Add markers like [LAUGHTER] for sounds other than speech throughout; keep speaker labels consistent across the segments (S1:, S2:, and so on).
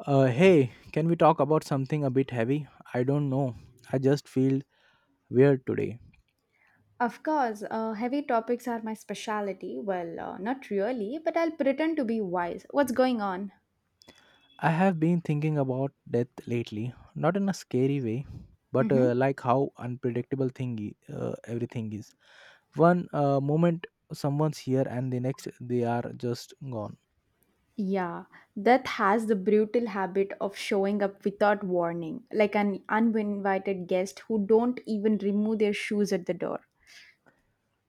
S1: Hey, can we talk about something a bit heavy? I don't know. I just feel weird today.
S2: Of course, heavy topics are my specialty. Well, not really, but I'll pretend to be wise. What's going on?
S1: I have been thinking about death lately, not in a scary way, but
S2: Hmm.
S1: like how unpredictable thingy everything is. One moment someone's here, and the next they are just gone.
S2: Yeah, death has the brutal habit of showing up without warning, like an uninvited guest who don't even remove their shoes at the door.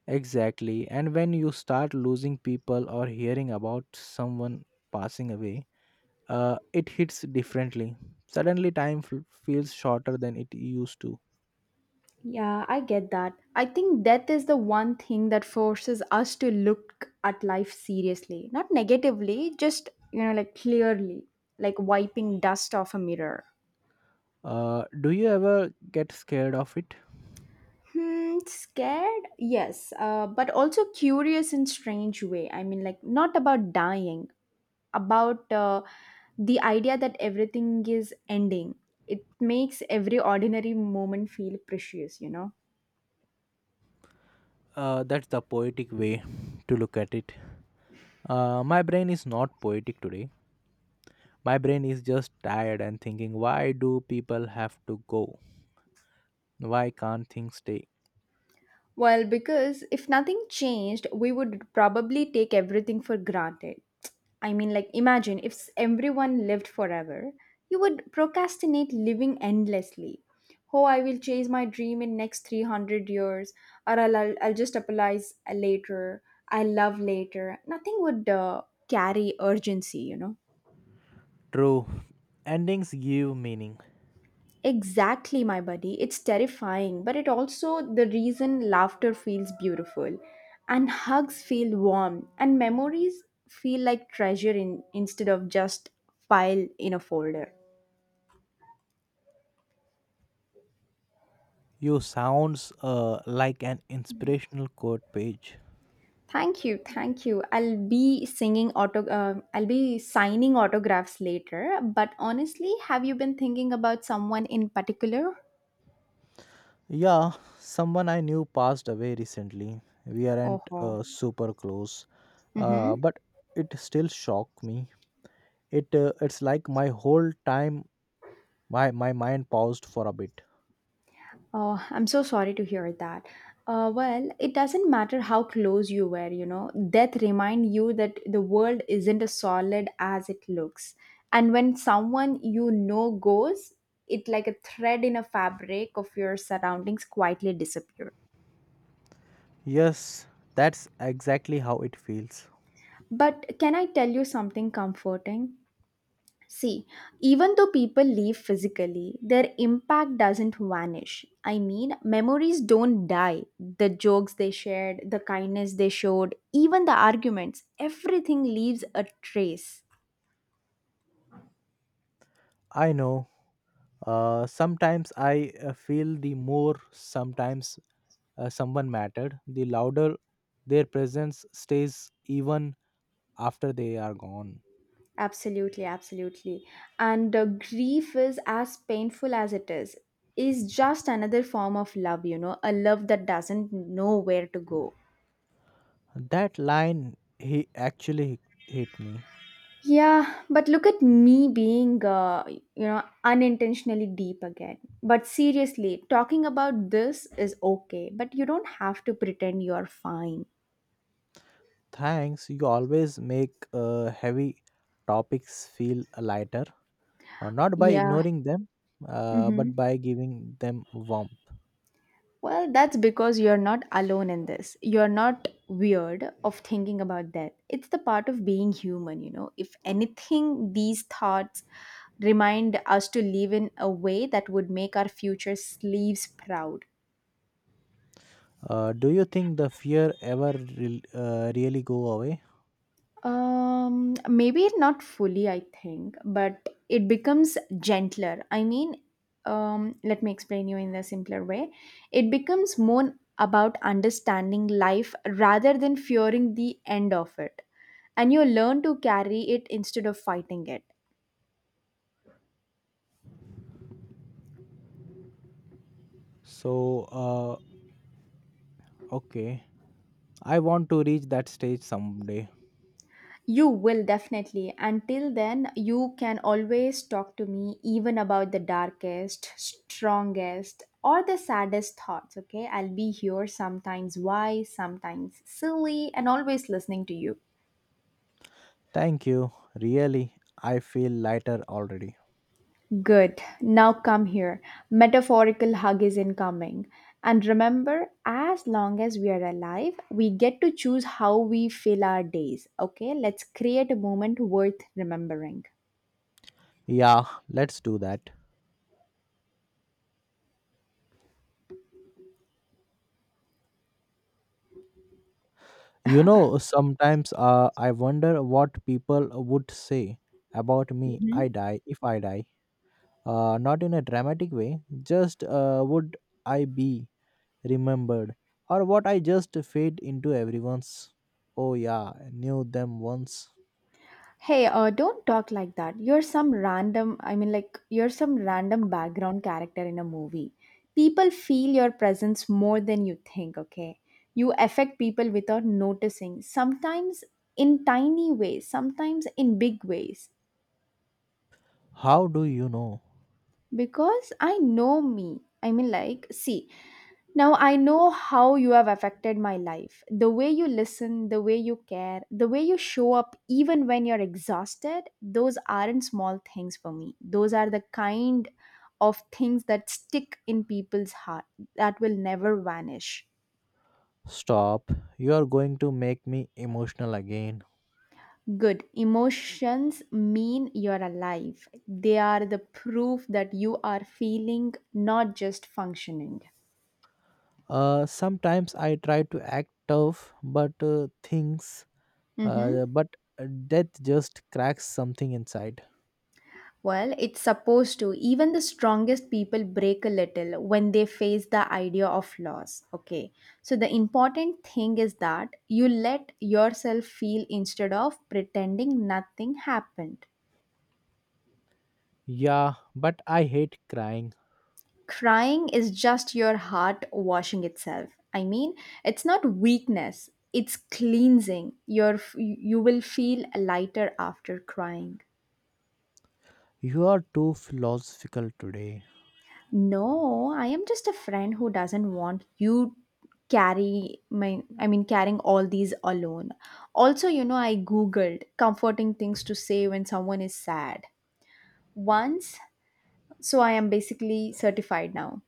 S1: Exactly. And when you start losing people or hearing about someone passing away, it hits differently. Suddenly, time feels shorter than it used to.
S2: Yeah, I get that. I think death is the one thing that forces us to look at life seriously, not negatively, just, you know, like clearly, like wiping dust off a mirror.
S1: Do you ever get scared of it?
S2: Hmm, scared? Yes, but also curious in strange way. I mean, like not about dying, about the idea that everything is ending. It makes every ordinary moment feel precious.
S1: That's the poetic way to look at it. My brain is not poetic today. My brain is just tired and thinking, why do people have to go? Why can't things stay?
S2: Well, because if nothing changed, we would probably take everything for granted. I mean, like, imagine if everyone lived forever, you would procrastinate living endlessly. Oh, I will chase my dream in next 300 years, or I'll just apply later, I love later. Nothing would carry urgency.
S1: True. Endings give meaning.
S2: Exactly, my buddy. It's terrifying, but it also the reason laughter feels beautiful, and hugs feel warm, and memories feel like treasure in instead of just file in a folder.
S1: You sounds like an inspirational quote page.
S2: Thank you, thank you. I'll be singing auto. I'll be signing autographs later. But honestly, have you been thinking about someone in particular?
S1: Yeah, someone I knew passed away recently. We aren't
S2: Oh.
S1: super close,
S2: Mm-hmm.
S1: but it still shocked me. It's like my whole time my mind paused for a bit.
S2: Oh, I'm so sorry to hear that. Well, it doesn't matter how close you were. Death remind you that the world isn't as solid as it looks. And when someone you know goes, it like a thread in a fabric of your surroundings quietly disappear.
S1: Yes, that's exactly how it feels.
S2: But can I tell you something comforting? See, even though people leave physically, their impact doesn't vanish. I mean, memories don't die. The jokes they shared, the kindness they showed, even the arguments, everything leaves a trace.
S1: I know. Sometimes I feel the more sometimes someone mattered, the louder their presence stays even after they are gone.
S2: Absolutely, absolutely. And grief is as painful as it is just another form of love, you know, a love that doesn't know where to go.
S1: That line he actually hit me.
S2: Yeah, but look at me being, you know, unintentionally deep again. But seriously, talking about this is okay, but you don't have to pretend you're fine.
S1: Thanks, you always make heavy topics feel lighter, not by
S2: Yeah.
S1: ignoring them, but
S2: Mm-hmm.
S1: by giving them warmth.
S2: Well, that's because you're not alone in this. You're not weird of thinking about death. It's the part of being human, you know. If anything, these thoughts remind us to live in a way that would make our future sleeves proud.
S1: Do you think the fear ever really go away?
S2: Maybe not fully, I think, but it becomes gentler. I mean, let me explain you in a simpler way. It becomes more about understanding life rather than fearing the end of it, and you learn to carry it instead of fighting it.
S1: So, uh, okay, I want to reach that stage someday.
S2: You will definitely. Until then, you can always talk to me even about the darkest, strongest, or the saddest thoughts, okay? I'll be here sometimes wise, sometimes silly, and always listening to you.
S1: Thank you. Really, I feel lighter already.
S2: Good. Now come here. Metaphorical hug is incoming. And remember, as long as we are alive, we get to choose how we fill our days, okay? Let's create a moment worth remembering.
S1: Yeah, let's do that. You know, sometimes I wonder what people would say about me I
S2: Mhm.
S1: die if I die. Not in a dramatic way, just would I be remembered or what I just fade into everyone's. Oh yeah, I knew them once.
S2: Hey, don't talk like that. You're some random, I mean, like, you're some random background character in a movie. People feel your presence more than you think, okay? You affect people without noticing, sometimes in tiny ways, sometimes in big ways.
S1: How do you know?
S2: Because I know me. I mean, like, see, now I know how you have affected my life. The way you listen, the way you care, the way you show up even when you're exhausted, those aren't small things for me. Those are the kind of things that stick in people's heart that will never vanish.
S1: Stop. You are going to make me emotional again.
S2: Good. Emotions mean you're alive. They are the proof that you are feeling, not just functioning.
S1: Sometimes I try to act tough, but uh, things,
S2: Mhm.
S1: uh, but uh, death just cracks something inside.
S2: Well, it's supposed to. Even the strongest people break a little when they face the idea of loss. Okay. So, the important thing is that you let yourself feel instead of pretending nothing happened.
S1: Yeah, but I hate crying.
S2: Crying is just your heart washing itself. I mean, it's not weakness, it's cleansing. Your, you will feel lighter after crying.
S1: You are too philosophical today.
S2: No, I am just a friend who doesn't want you carry my I mean carrying all these alone. Also, you know, I googled comforting things to say when someone is sad. Once, so I am basically certified now.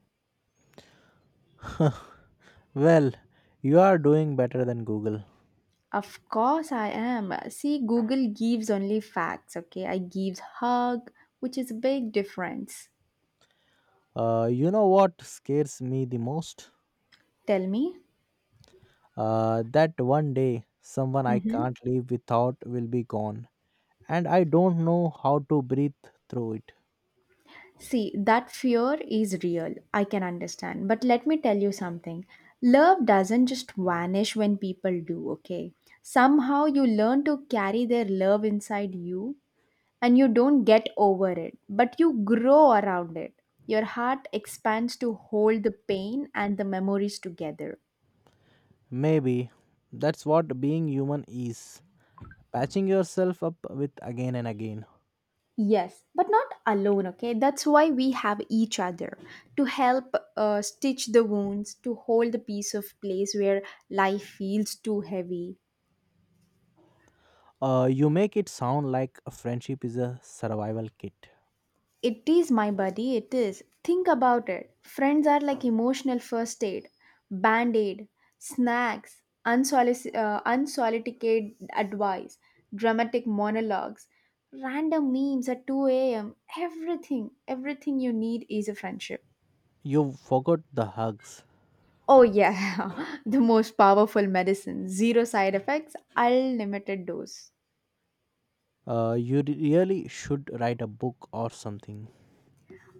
S1: [LAUGHS] Well, you are doing better than Google.
S2: Of course I am. See, Google gives only facts, okay? I gives hug, which is a big difference.
S1: You know what scares me the most?
S2: Tell me.
S1: That one day someone I
S2: Mhm.
S1: can't live without will be gone, and I don't know how to breathe through it.
S2: See, that fear is real. I can understand. But let me tell you something. Love doesn't just vanish when people do, okay? Somehow you learn to carry their love inside you and you don't get over it, but you grow around it. Your heart expands to hold the pain and the memories together.
S1: Maybe that's what being human is, patching yourself up with again and again.
S2: Yes, but not alone, okay? That's why we have each other to help stitch the wounds, to hold the piece of place where life feels too heavy.
S1: You make it sound like a friendship is a survival kit.
S2: It is my buddy, it is. Think about it. Friends are like emotional first aid, band aid, snacks, unsolicited advice, dramatic monologues, random memes at 2 a.m. Everything, everything you need is a friendship.
S1: You forgot the hugs.
S2: Oh, yeah, [LAUGHS] the most powerful medicine. Zero side effects, unlimited dose.
S1: You really should write a book or something.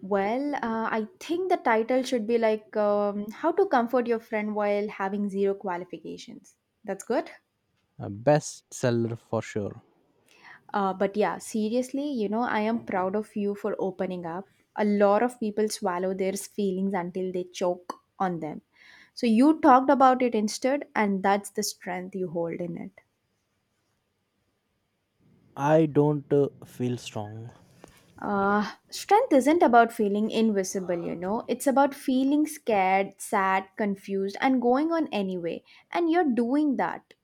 S2: Well, I think the title should be like How to Comfort Your Friend While Having Zero Qualifications. That's good.
S1: A bestseller for sure.
S2: But yeah, seriously, you know, I am proud of you for opening up. A lot of people swallow their feelings until they choke on them. So you talked about it instead, and that's the strength you hold in it.
S1: I don't feel strong.
S2: Strength isn't about feeling invisible, you know. It's about feeling scared, sad, confused, and going on anyway. And you're doing that.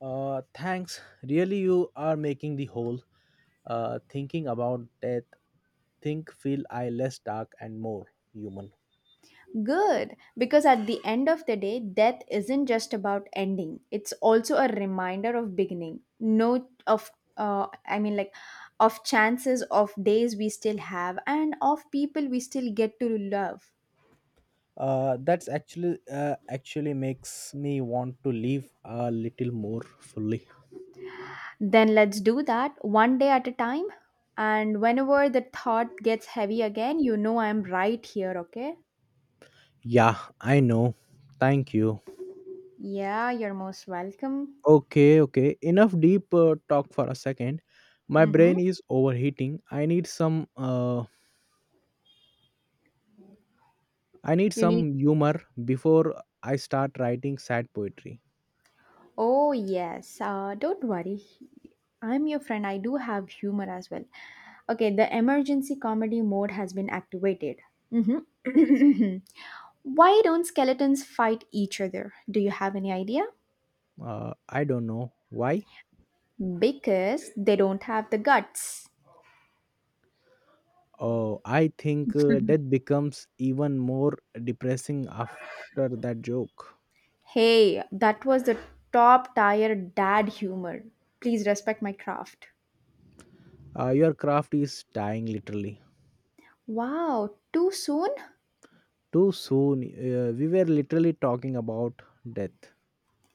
S1: Thanks. Really, you are making the whole thinking about death think feel I less dark and more human.
S2: Good. Because at the end of the day, death isn't just about ending, it's also a reminder of beginning. No, of, I mean, like, of chances, of days we still have, and of people we still get to love.
S1: That's actually actually makes me want to live a little more fully.
S2: Then let's do that one day at a time. And whenever the thought gets heavy again, you know I'm right here, okay?
S1: Yeah, I know. Thank you.
S2: Yeah, you're most welcome.
S1: Okay, okay. Enough deep talk for a second. My
S2: Mm-hmm.
S1: brain is overheating. I need
S2: You need.
S1: some humor before I start writing sad poetry.
S2: Oh, yes. Don't worry. I'm your friend. I do have humor as well. Okay, the emergency comedy mode has been activated. Mm-hmm. [COUGHS] [CLEARS THROAT] Why don't skeletons fight each other? Do you have any idea?
S1: I don't know why.
S2: Because they don't have the guts.
S1: Oh, I think death becomes even more depressing after that joke.
S2: Hey, that was the top tier dad humor. Please respect my craft.
S1: Your craft is dying, literally.
S2: Wow, too soon?
S1: Too soon. We were literally talking about death.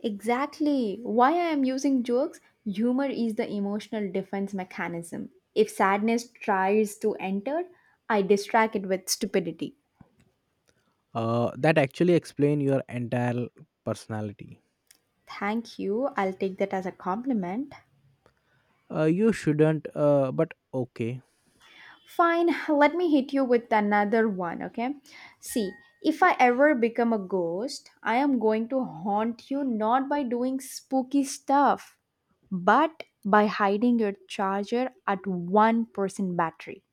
S2: Exactly. Why I am using jokes? Humor is the emotional defense mechanism. If sadness tries to enter, I distract it with stupidity.
S1: That actually explain your entire personality.
S2: Thank you. I'll take that as a compliment.
S1: You shouldn't. But okay,
S2: Fine, let me hit you with another one, okay? See, if I ever become a ghost, I am going to haunt you not by doing spooky stuff, but by hiding your charger at 1% battery.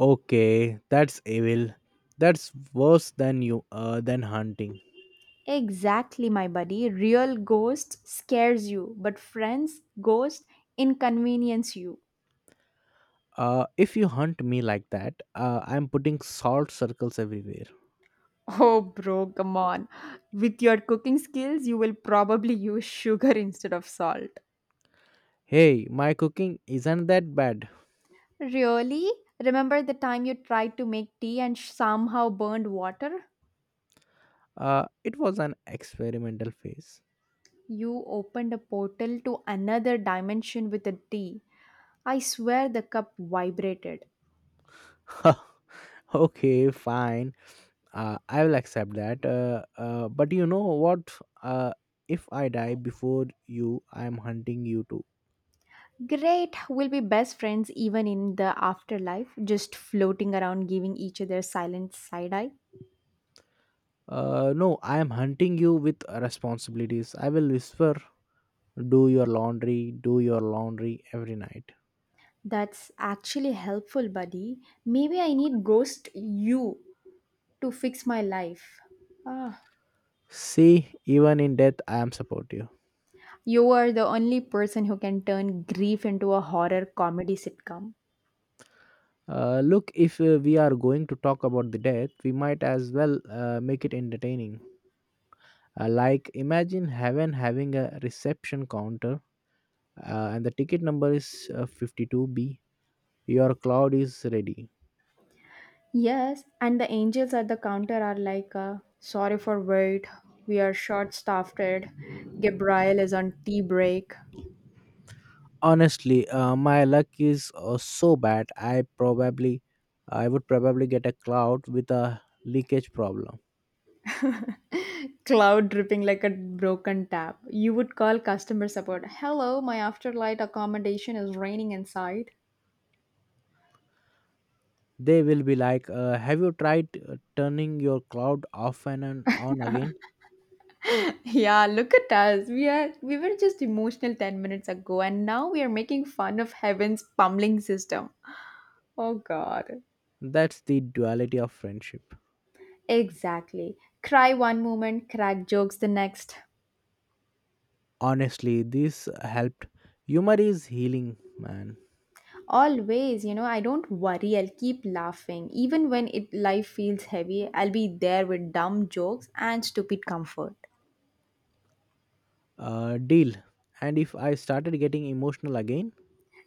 S1: okay, that's evil. That's worse than you. Than hunting.
S2: Exactly, my buddy. Real ghosts scares you, but friends, ghost inconvenience you.
S1: If you hunt me like that, I'm putting salt circles everywhere.
S2: Oh, bro, come on. With your cooking skills, you will probably use sugar [LAUGHS] instead of salt.
S1: Hey, my cooking isn't that bad.
S2: Really? Remember the time you tried to make tea and somehow burned water?
S1: It was an experimental phase.
S2: You opened a portal to another dimension with the tea. I swear the cup vibrated.
S1: [LAUGHS] Okay, fine. I will accept that but you know what, uh, if I die before you I am hunting you too.
S2: Great, we'll be best friends even in the afterlife, just floating around giving each other silent side eye.
S1: No, I am hunting you with responsibilities, I will whisper, do your laundry, do your laundry every night.
S2: That's actually helpful, buddy. Maybe I need ghost you to fix my life. Ah,
S1: See, even in death I am supportive.
S2: you are the only person who can turn grief into a horror comedy sitcom.
S1: Look, if we are going to talk about the death, we might as well make it entertaining, like imagine heaven having a reception counter, and the ticket number is 52b. Your cloud is ready.
S2: Yes, and the angels at the counter are like, sorry for wait, we are short staffed. Gabriel is on tea break.
S1: Honestly, my luck is so bad. I would probably get a cloud with a leakage problem.
S2: Cloud dripping like a broken tap. You would call customer support. Hello, my afterlight accommodation is raining inside. [LAUGHS]
S1: They will be like, "Have you tried turning your cloud off and on again?"
S2: Yeah, look at us. We were just emotional 10 minutes ago and now we are making fun of heaven's pummeling system. Oh god.
S1: That's the duality of friendship.
S2: Exactly. Cry one moment, crack jokes the next.
S1: Honestly, this helped. Humor is healing, man.
S2: Always, you know, I don't worry. I'll keep laughing. Even when it life feels heavy, I'll be there with dumb jokes and stupid comfort.
S1: Deal. And if I started getting emotional again,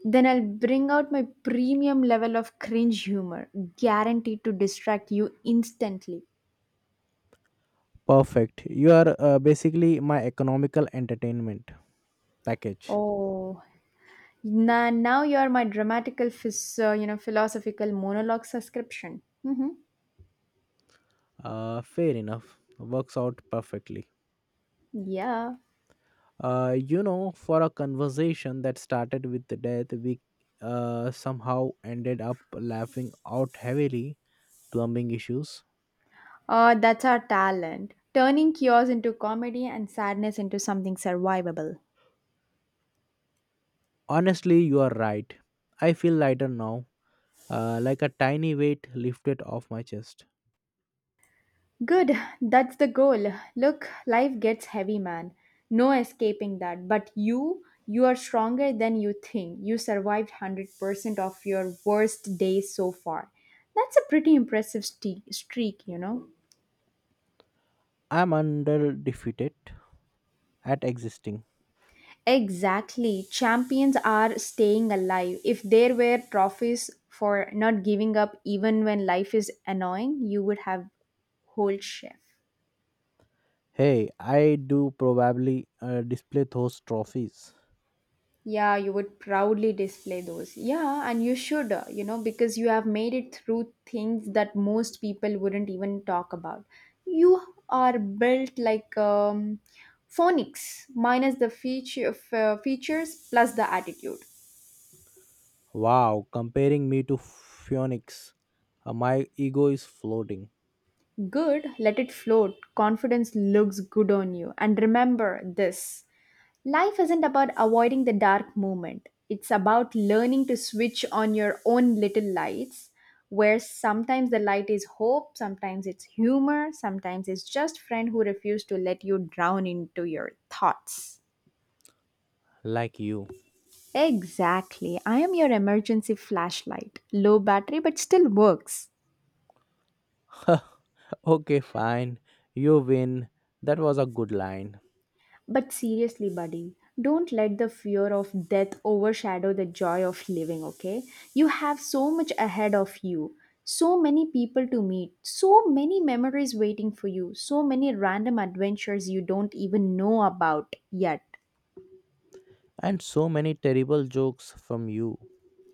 S2: Then I'll bring out my premium level of cringe humor, guaranteed to distract you instantly.
S1: perfect. You are basically my economical entertainment package.
S2: Oh, now you're my dramatical, you know, philosophical monologue subscription. Hmm.
S1: Fair enough. Works out perfectly.
S2: Yeah.
S1: You know, for a conversation that started with the death, we somehow ended up laughing out heavily plumbing issues.
S2: That's our talent, turning chaos into comedy and sadness into something survivable.
S1: Honestly, you are right. I feel lighter now, like a tiny weight lifted off my chest.
S2: Good, that's the goal. Look, life gets heavy, man. No escaping that. But you are stronger than you think. You survived 100% of your worst days so far. That's a pretty impressive streak, you know?
S1: I'm under defeated at existing.
S2: Exactly. Champions are staying alive. If there were trophies for not giving up even when life is annoying, you would have whole chef.
S1: Hey, I do probably display those trophies.
S2: Yeah, you would proudly display those. Yeah, and you should, you know, because you have made it through things that most people wouldn't even talk about. You are built like phonics, minus the feature features plus the attitude.
S1: Wow, comparing me to Phoenix. My ego is floating
S2: Good, let it float. Confidence looks good on you. And remember this. Life isn't about avoiding the dark moment. It's about learning to switch on your own little lights, where sometimes the light is hope, sometimes it's humor, sometimes it's just friend who refuse to let you drown into your thoughts.
S1: like you.
S2: Exactly. I am your emergency flashlight. Low battery but still works.
S1: [LAUGHS] Okay, fine. You win. That was a good line.
S2: But seriously, buddy, don't let the fear of death overshadow the joy of living, okay? You have so much ahead of you, so many people to meet, so many memories waiting for you, so many random adventures you don't even know about yet.
S1: And so many terrible jokes from you.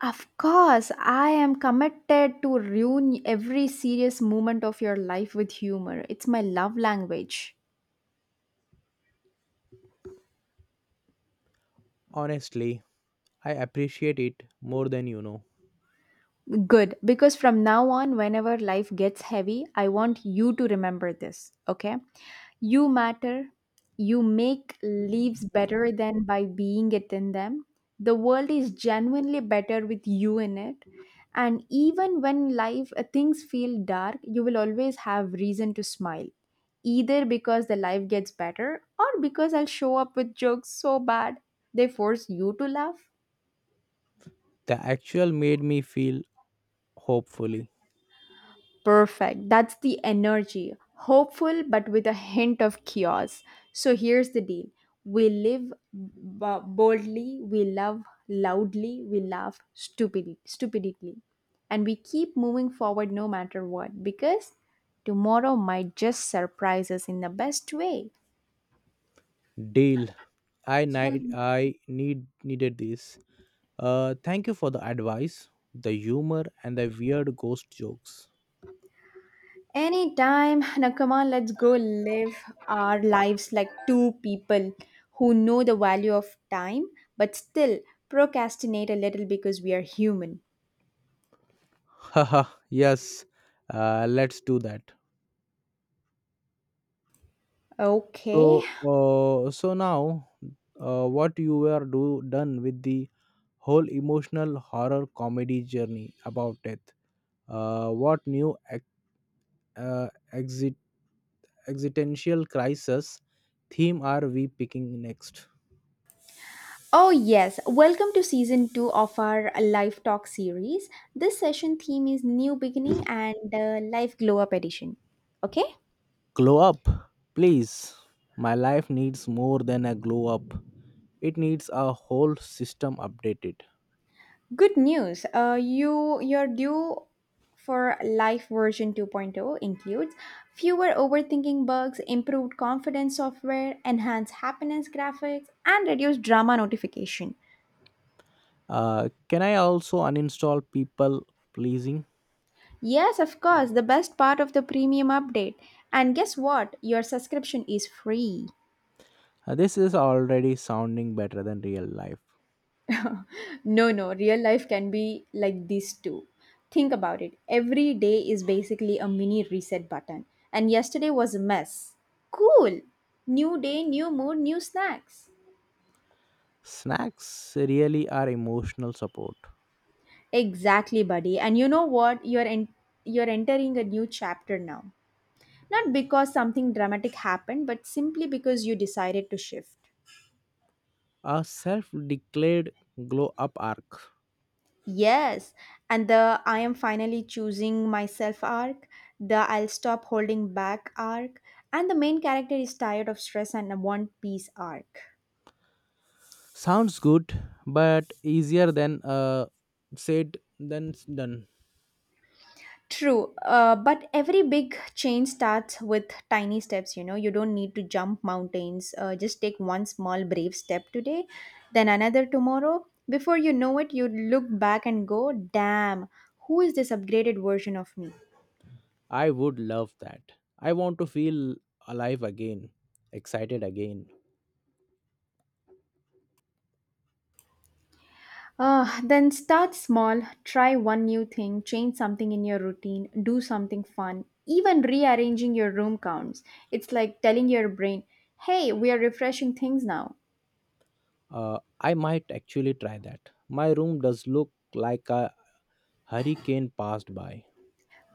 S2: Of course, I am committed to ruin every serious moment of your life with humor. It's my love language.
S1: Honestly, I appreciate it more than you know.
S2: Good, because from now on, whenever life gets heavy, I want you to remember this, okay? You matter. You make leaves better than by being it in them. The world is genuinely better with you in it. And even when life things feel dark, you will always have reason to smile. Either because the life gets better or because I'll show up with jokes so bad they force you to laugh.
S1: The actual made me feel hopefully.
S2: Perfect. That's the energy. Hopeful, but with a hint of chaos. So here's the deal. We live boldly, we love loudly, we laugh stupidly. And we keep moving forward no matter what, because tomorrow might just surprise us in the best way.
S1: Deal. I needed this. Thank you for the advice, the humor and the weird ghost jokes.
S2: Anytime. Now, come on, let's go live our lives like two people who know the value of time, but still procrastinate a little because we are human.
S1: [LAUGHS] Haha, yes. Let's do that.
S2: Okay.
S1: So now, what you were do done with the whole emotional horror comedy journey about death. What new ex- exit existential crisis theme are we picking next?
S2: Oh, yes. Welcome to season two of our Life Talk series. This session theme is New Beginning and Life Glow Up Edition. Okay.
S1: Glow up, please. My life needs more than a glow up. It needs a whole system updated.
S2: Good news. You your due for life version 2.0 includes fewer overthinking bugs, improved confidence software, enhanced happiness graphics, and reduced drama notification.
S1: Can I also uninstall people pleasing?
S2: Yes, of course, the best part of the premium update. And guess what? Your subscription is free.
S1: This is already sounding better than real life.
S2: No, no, real life can be like this too. Think about it. Every day is basically a mini reset button. And yesterday was a mess. Cool. New day, new mood, new snacks.
S1: Snacks really are emotional support.
S2: Exactly, buddy. And you know what? You're entering a new chapter now. Not because something dramatic happened, but simply because you decided to shift.
S1: A self declared glow up arc.
S2: Yes, and the I am finally choosing myself arc, the I'll stop holding back arc, and the main character is tired of stress and a one piece arc.
S1: Sounds good, but easier than said than done.
S2: True, but every big change starts with tiny steps. You know, you don't need to jump mountains. Just take one small, brave step today, then another tomorrow. Before you know it, you look back and go, damn, who is this upgraded version of me?
S1: I would love that. I want to feel alive again, excited again.
S2: Then start small, try one new thing, change something in your routine, do something fun. Even rearranging your room counts. It's like telling your brain, hey, we are refreshing things now.
S1: I might actually try that. My room does look like a hurricane passed by.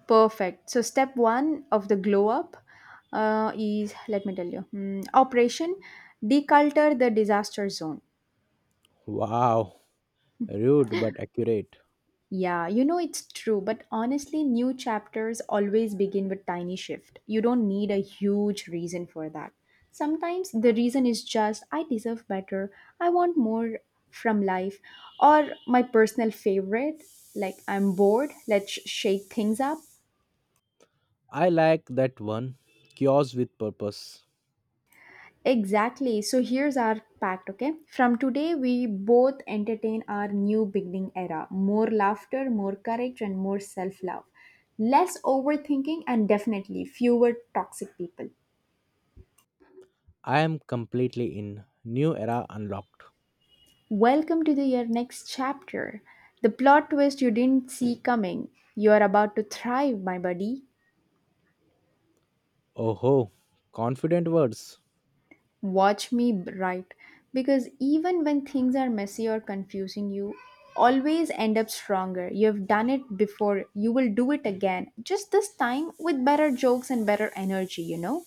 S2: Perfect. So, step one of the glow up is let me tell you, Operation Deculture the Disaster Zone.
S1: Wow, rude but accurate.
S2: Yeah, you know it's true, but honestly, new chapters always begin with tiny shift. You don't need a huge reason for that. Sometimes the reason is just I deserve better, I want more from life, or my personal favorite, like I'm bored, let's shake things up.
S1: I like that one. Cures with purpose.
S2: Exactly. So here's our pact, okay? From today, we both entertain our new beginning era, more laughter, more courage, and more self love. Less overthinking, and definitely fewer toxic people.
S1: I am completely in. New era unlocked.
S2: Welcome to the, your next chapter. The plot twist you didn't see coming. You are about to thrive, my buddy.
S1: Oh ho, confident words.
S2: Watch me write. Because even when things are messy or confusing, you always end up stronger. You have done it before, you will do it again. Just this time with better jokes and better energy, you know?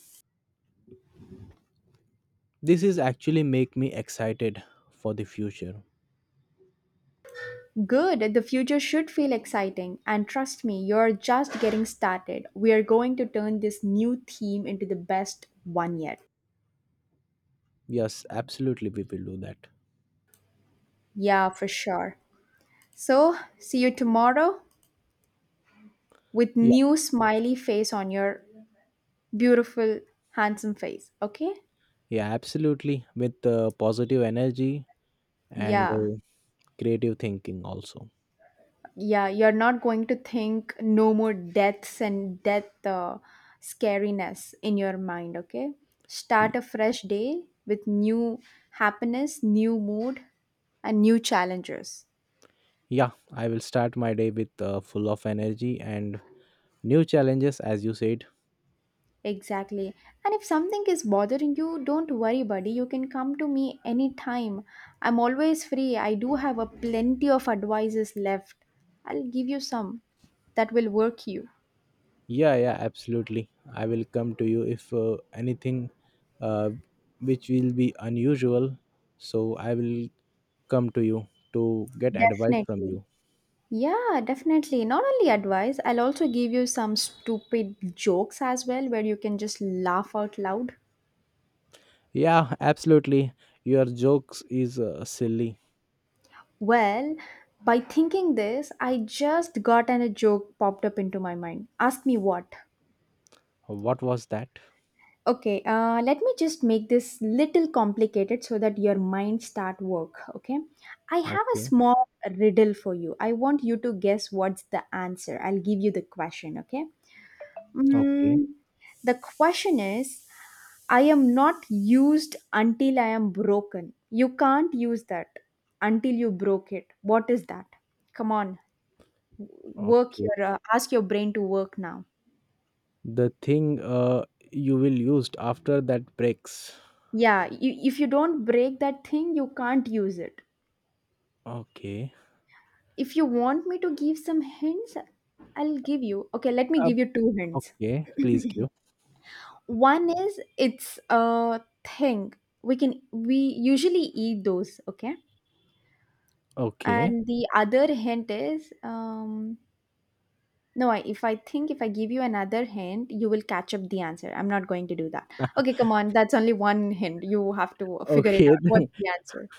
S1: This is actually make me excited for the future.
S2: Good, the future should feel exciting. And trust me, you're just getting started. We are going to turn this new theme into the best one yet.
S1: Yes, absolutely we will do that.
S2: Yeah, for sure. So, see you tomorrow with new smiley face on your beautiful handsome face, okay?
S1: Yeah, absolutely. With positive energy and
S2: Yeah,
S1: creative thinking, also.
S2: yeah, you're not going to think no more deaths and death scariness in your mind, okay? Start
S1: Y-
S2: a fresh day with new happiness, new mood, and new challenges.
S1: Yeah, I will start my day with full of energy and new challenges, as you said.
S2: Exactly. And if something is bothering you, don't worry, buddy. You can come to me anytime. I'm always free. I do have a plenty of advices left. I'll give you some that will work you.
S1: Yeah, yeah, absolutely. I will come to you if anything uh, which will be unusual. So I will come to you to get advice from
S2: Definitely.
S1: you.
S2: Yeah, definitely. Not only advice, I'll also give you some stupid jokes as well where you can just laugh out loud.
S1: Yeah, absolutely. Your jokes is silly.
S2: Well, by thinking this, I just got a joke popped up into my mind. Ask me what?
S1: What was that?
S2: Okay, let me just make this little complicated so that your mind start work, okay? I have a
S1: Okay,
S2: small riddle for you. I want you to guess what's the answer. I'll give you the question, okay?
S1: okay,
S2: Mm, the question is, I am not used until I am broken. You can't use that until you broke it. What is that? Come on, work
S1: okay.
S2: your ask your brain to work now.
S1: The thing you will used after that breaks.
S2: Yeah, you, if you don't break that thing, you can't use it.
S1: Okay.
S2: If you want me to give some hints, I'll give you. Okay, let me
S1: Uh,
S2: give you two hints.
S1: okay. Please give.
S2: One is it's a thing. We usually eat those, okay?
S1: Okay.
S2: And the other hint is No, if I think, if I give you another hint, you will catch up the answer. I'm not going to do that. Okay, come on. That's only one hint. You have to figure it
S1: Okay.
S2: out. What's
S1: [LAUGHS]
S2: the answer?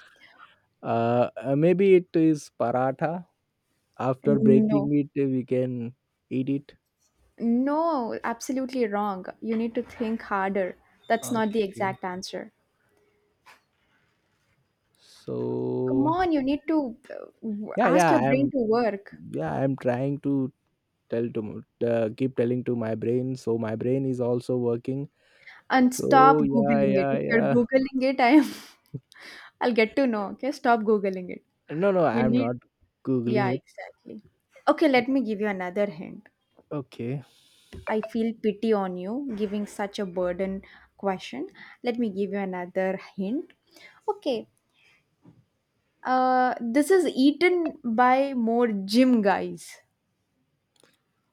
S1: Maybe it is paratha. After
S2: No.
S1: breaking it, we can eat it.
S2: No, absolutely wrong. You need to think harder. That's not the
S1: Okay.
S2: exact answer. Come
S1: So
S2: on, you need to
S1: yeah,
S2: ask
S1: yeah.
S2: your brain
S1: I'm
S2: to work
S1: Yeah, I'm trying to tell to keep telling to my brain. So my brain is also working.
S2: and stop
S1: Yeah,
S2: Googling it.
S1: yeah,
S2: If you're
S1: yeah.
S2: Googling it, I am, [LAUGHS] I'll get to know. Okay, stop Googling it.
S1: No, no.
S2: You
S1: I'm
S2: need,
S1: not
S2: yeah,
S1: googling it.
S2: exactly. Okay, let me give you another hint.
S1: Okay.
S2: I feel pity on you giving such a burden question. Let me give you another hint. Okay, this is eaten by more gym guys.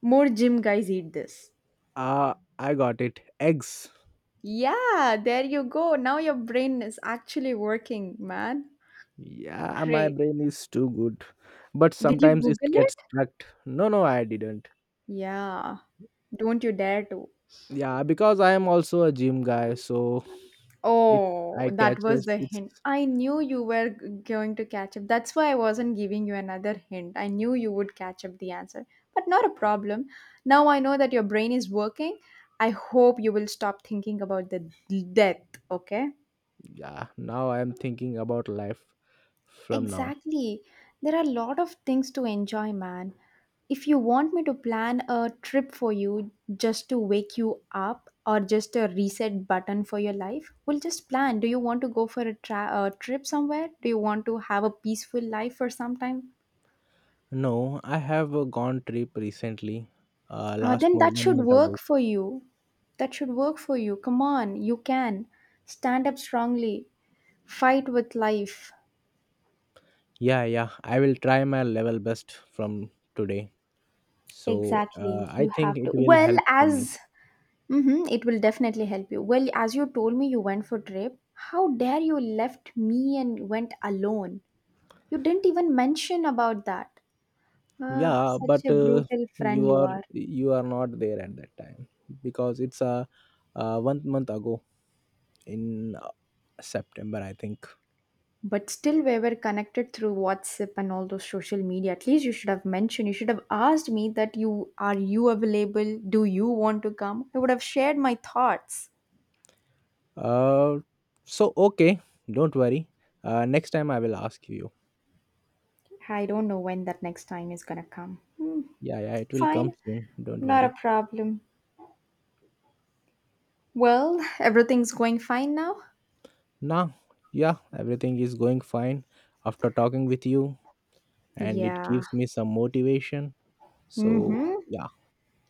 S2: More gym guys eat this.
S1: Ah, I got it. Eggs.
S2: Yeah, there you go. Now your brain is actually working, man.
S1: Yeah, my
S2: Great.
S1: brain is too good. But
S2: Did you
S1: sometimes it
S2: Google
S1: gets
S2: it?
S1: stuck. No, no, I didn't.
S2: Yeah. Don't you dare to.
S1: Yeah, because I am also a gym guy, so it
S2: Oh,
S1: I
S2: that was
S1: catches
S2: the
S1: it's
S2: hint. I knew you were going to catch up. That's why I wasn't giving you another hint. I knew you would catch up the answer. But not a problem. Now I know that your brain is working. I hope you will stop thinking about the death, okay?
S1: yeah, now I am thinking about life from now.
S2: Exactly. There are a lot of things to enjoy, man. If you want me to plan a trip for you just to wake you up or just a reset button for your life, we'll just plan. Do you want to go for a trip somewhere? Do you want to have a peaceful life for some time?
S1: No, I have a gone trip recently. Last
S2: Then
S1: month,
S2: that
S1: one
S2: should
S1: month ago.
S2: work for you. That should work for you. Come on, you can. Stand up strongly. Fight with life.
S1: Yeah, yeah. I will try my level best from today.
S2: Exactly. You
S1: I
S2: have
S1: think it
S2: to.
S1: will
S2: Well,
S1: help for me.
S2: as Mm-hmm, it will definitely help you. Well, as you told me you went for trip, how dare you left me and went alone? You didn't even mention about that. Ah,
S1: yeah
S2: such
S1: but
S2: a
S1: uh,
S2: brutal friend
S1: you
S2: you
S1: are
S2: are.
S1: you are not there at that time, because it's one month ago in September, I think.
S2: But still we were connected through WhatsApp and all those social media. At least you should have mentioned, you should have asked me that you available? Do you want to come? I would have shared my thoughts.
S1: uh so, okay, don't worry, next time I will ask you.
S2: I don't know when that next time is gonna come.
S1: Yeah, yeah, it will come
S2: Fine,
S1: soon, don't
S2: not
S1: worry.
S2: a problem. Well, [LAUGHS] everything's going fine now.
S1: Now, yeah, everything is going fine after talking with you, and it
S2: Yeah.
S1: gives me some motivation. So,
S2: Mm-hmm.
S1: yeah,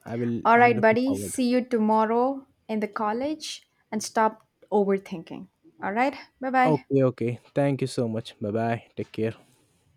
S2: All
S1: I'm
S2: right,
S1: looking
S2: buddy.
S1: forward.
S2: See you tomorrow in the college and stop overthinking. All right. Bye bye.
S1: Okay, okay, thank you so much. Bye bye, take care.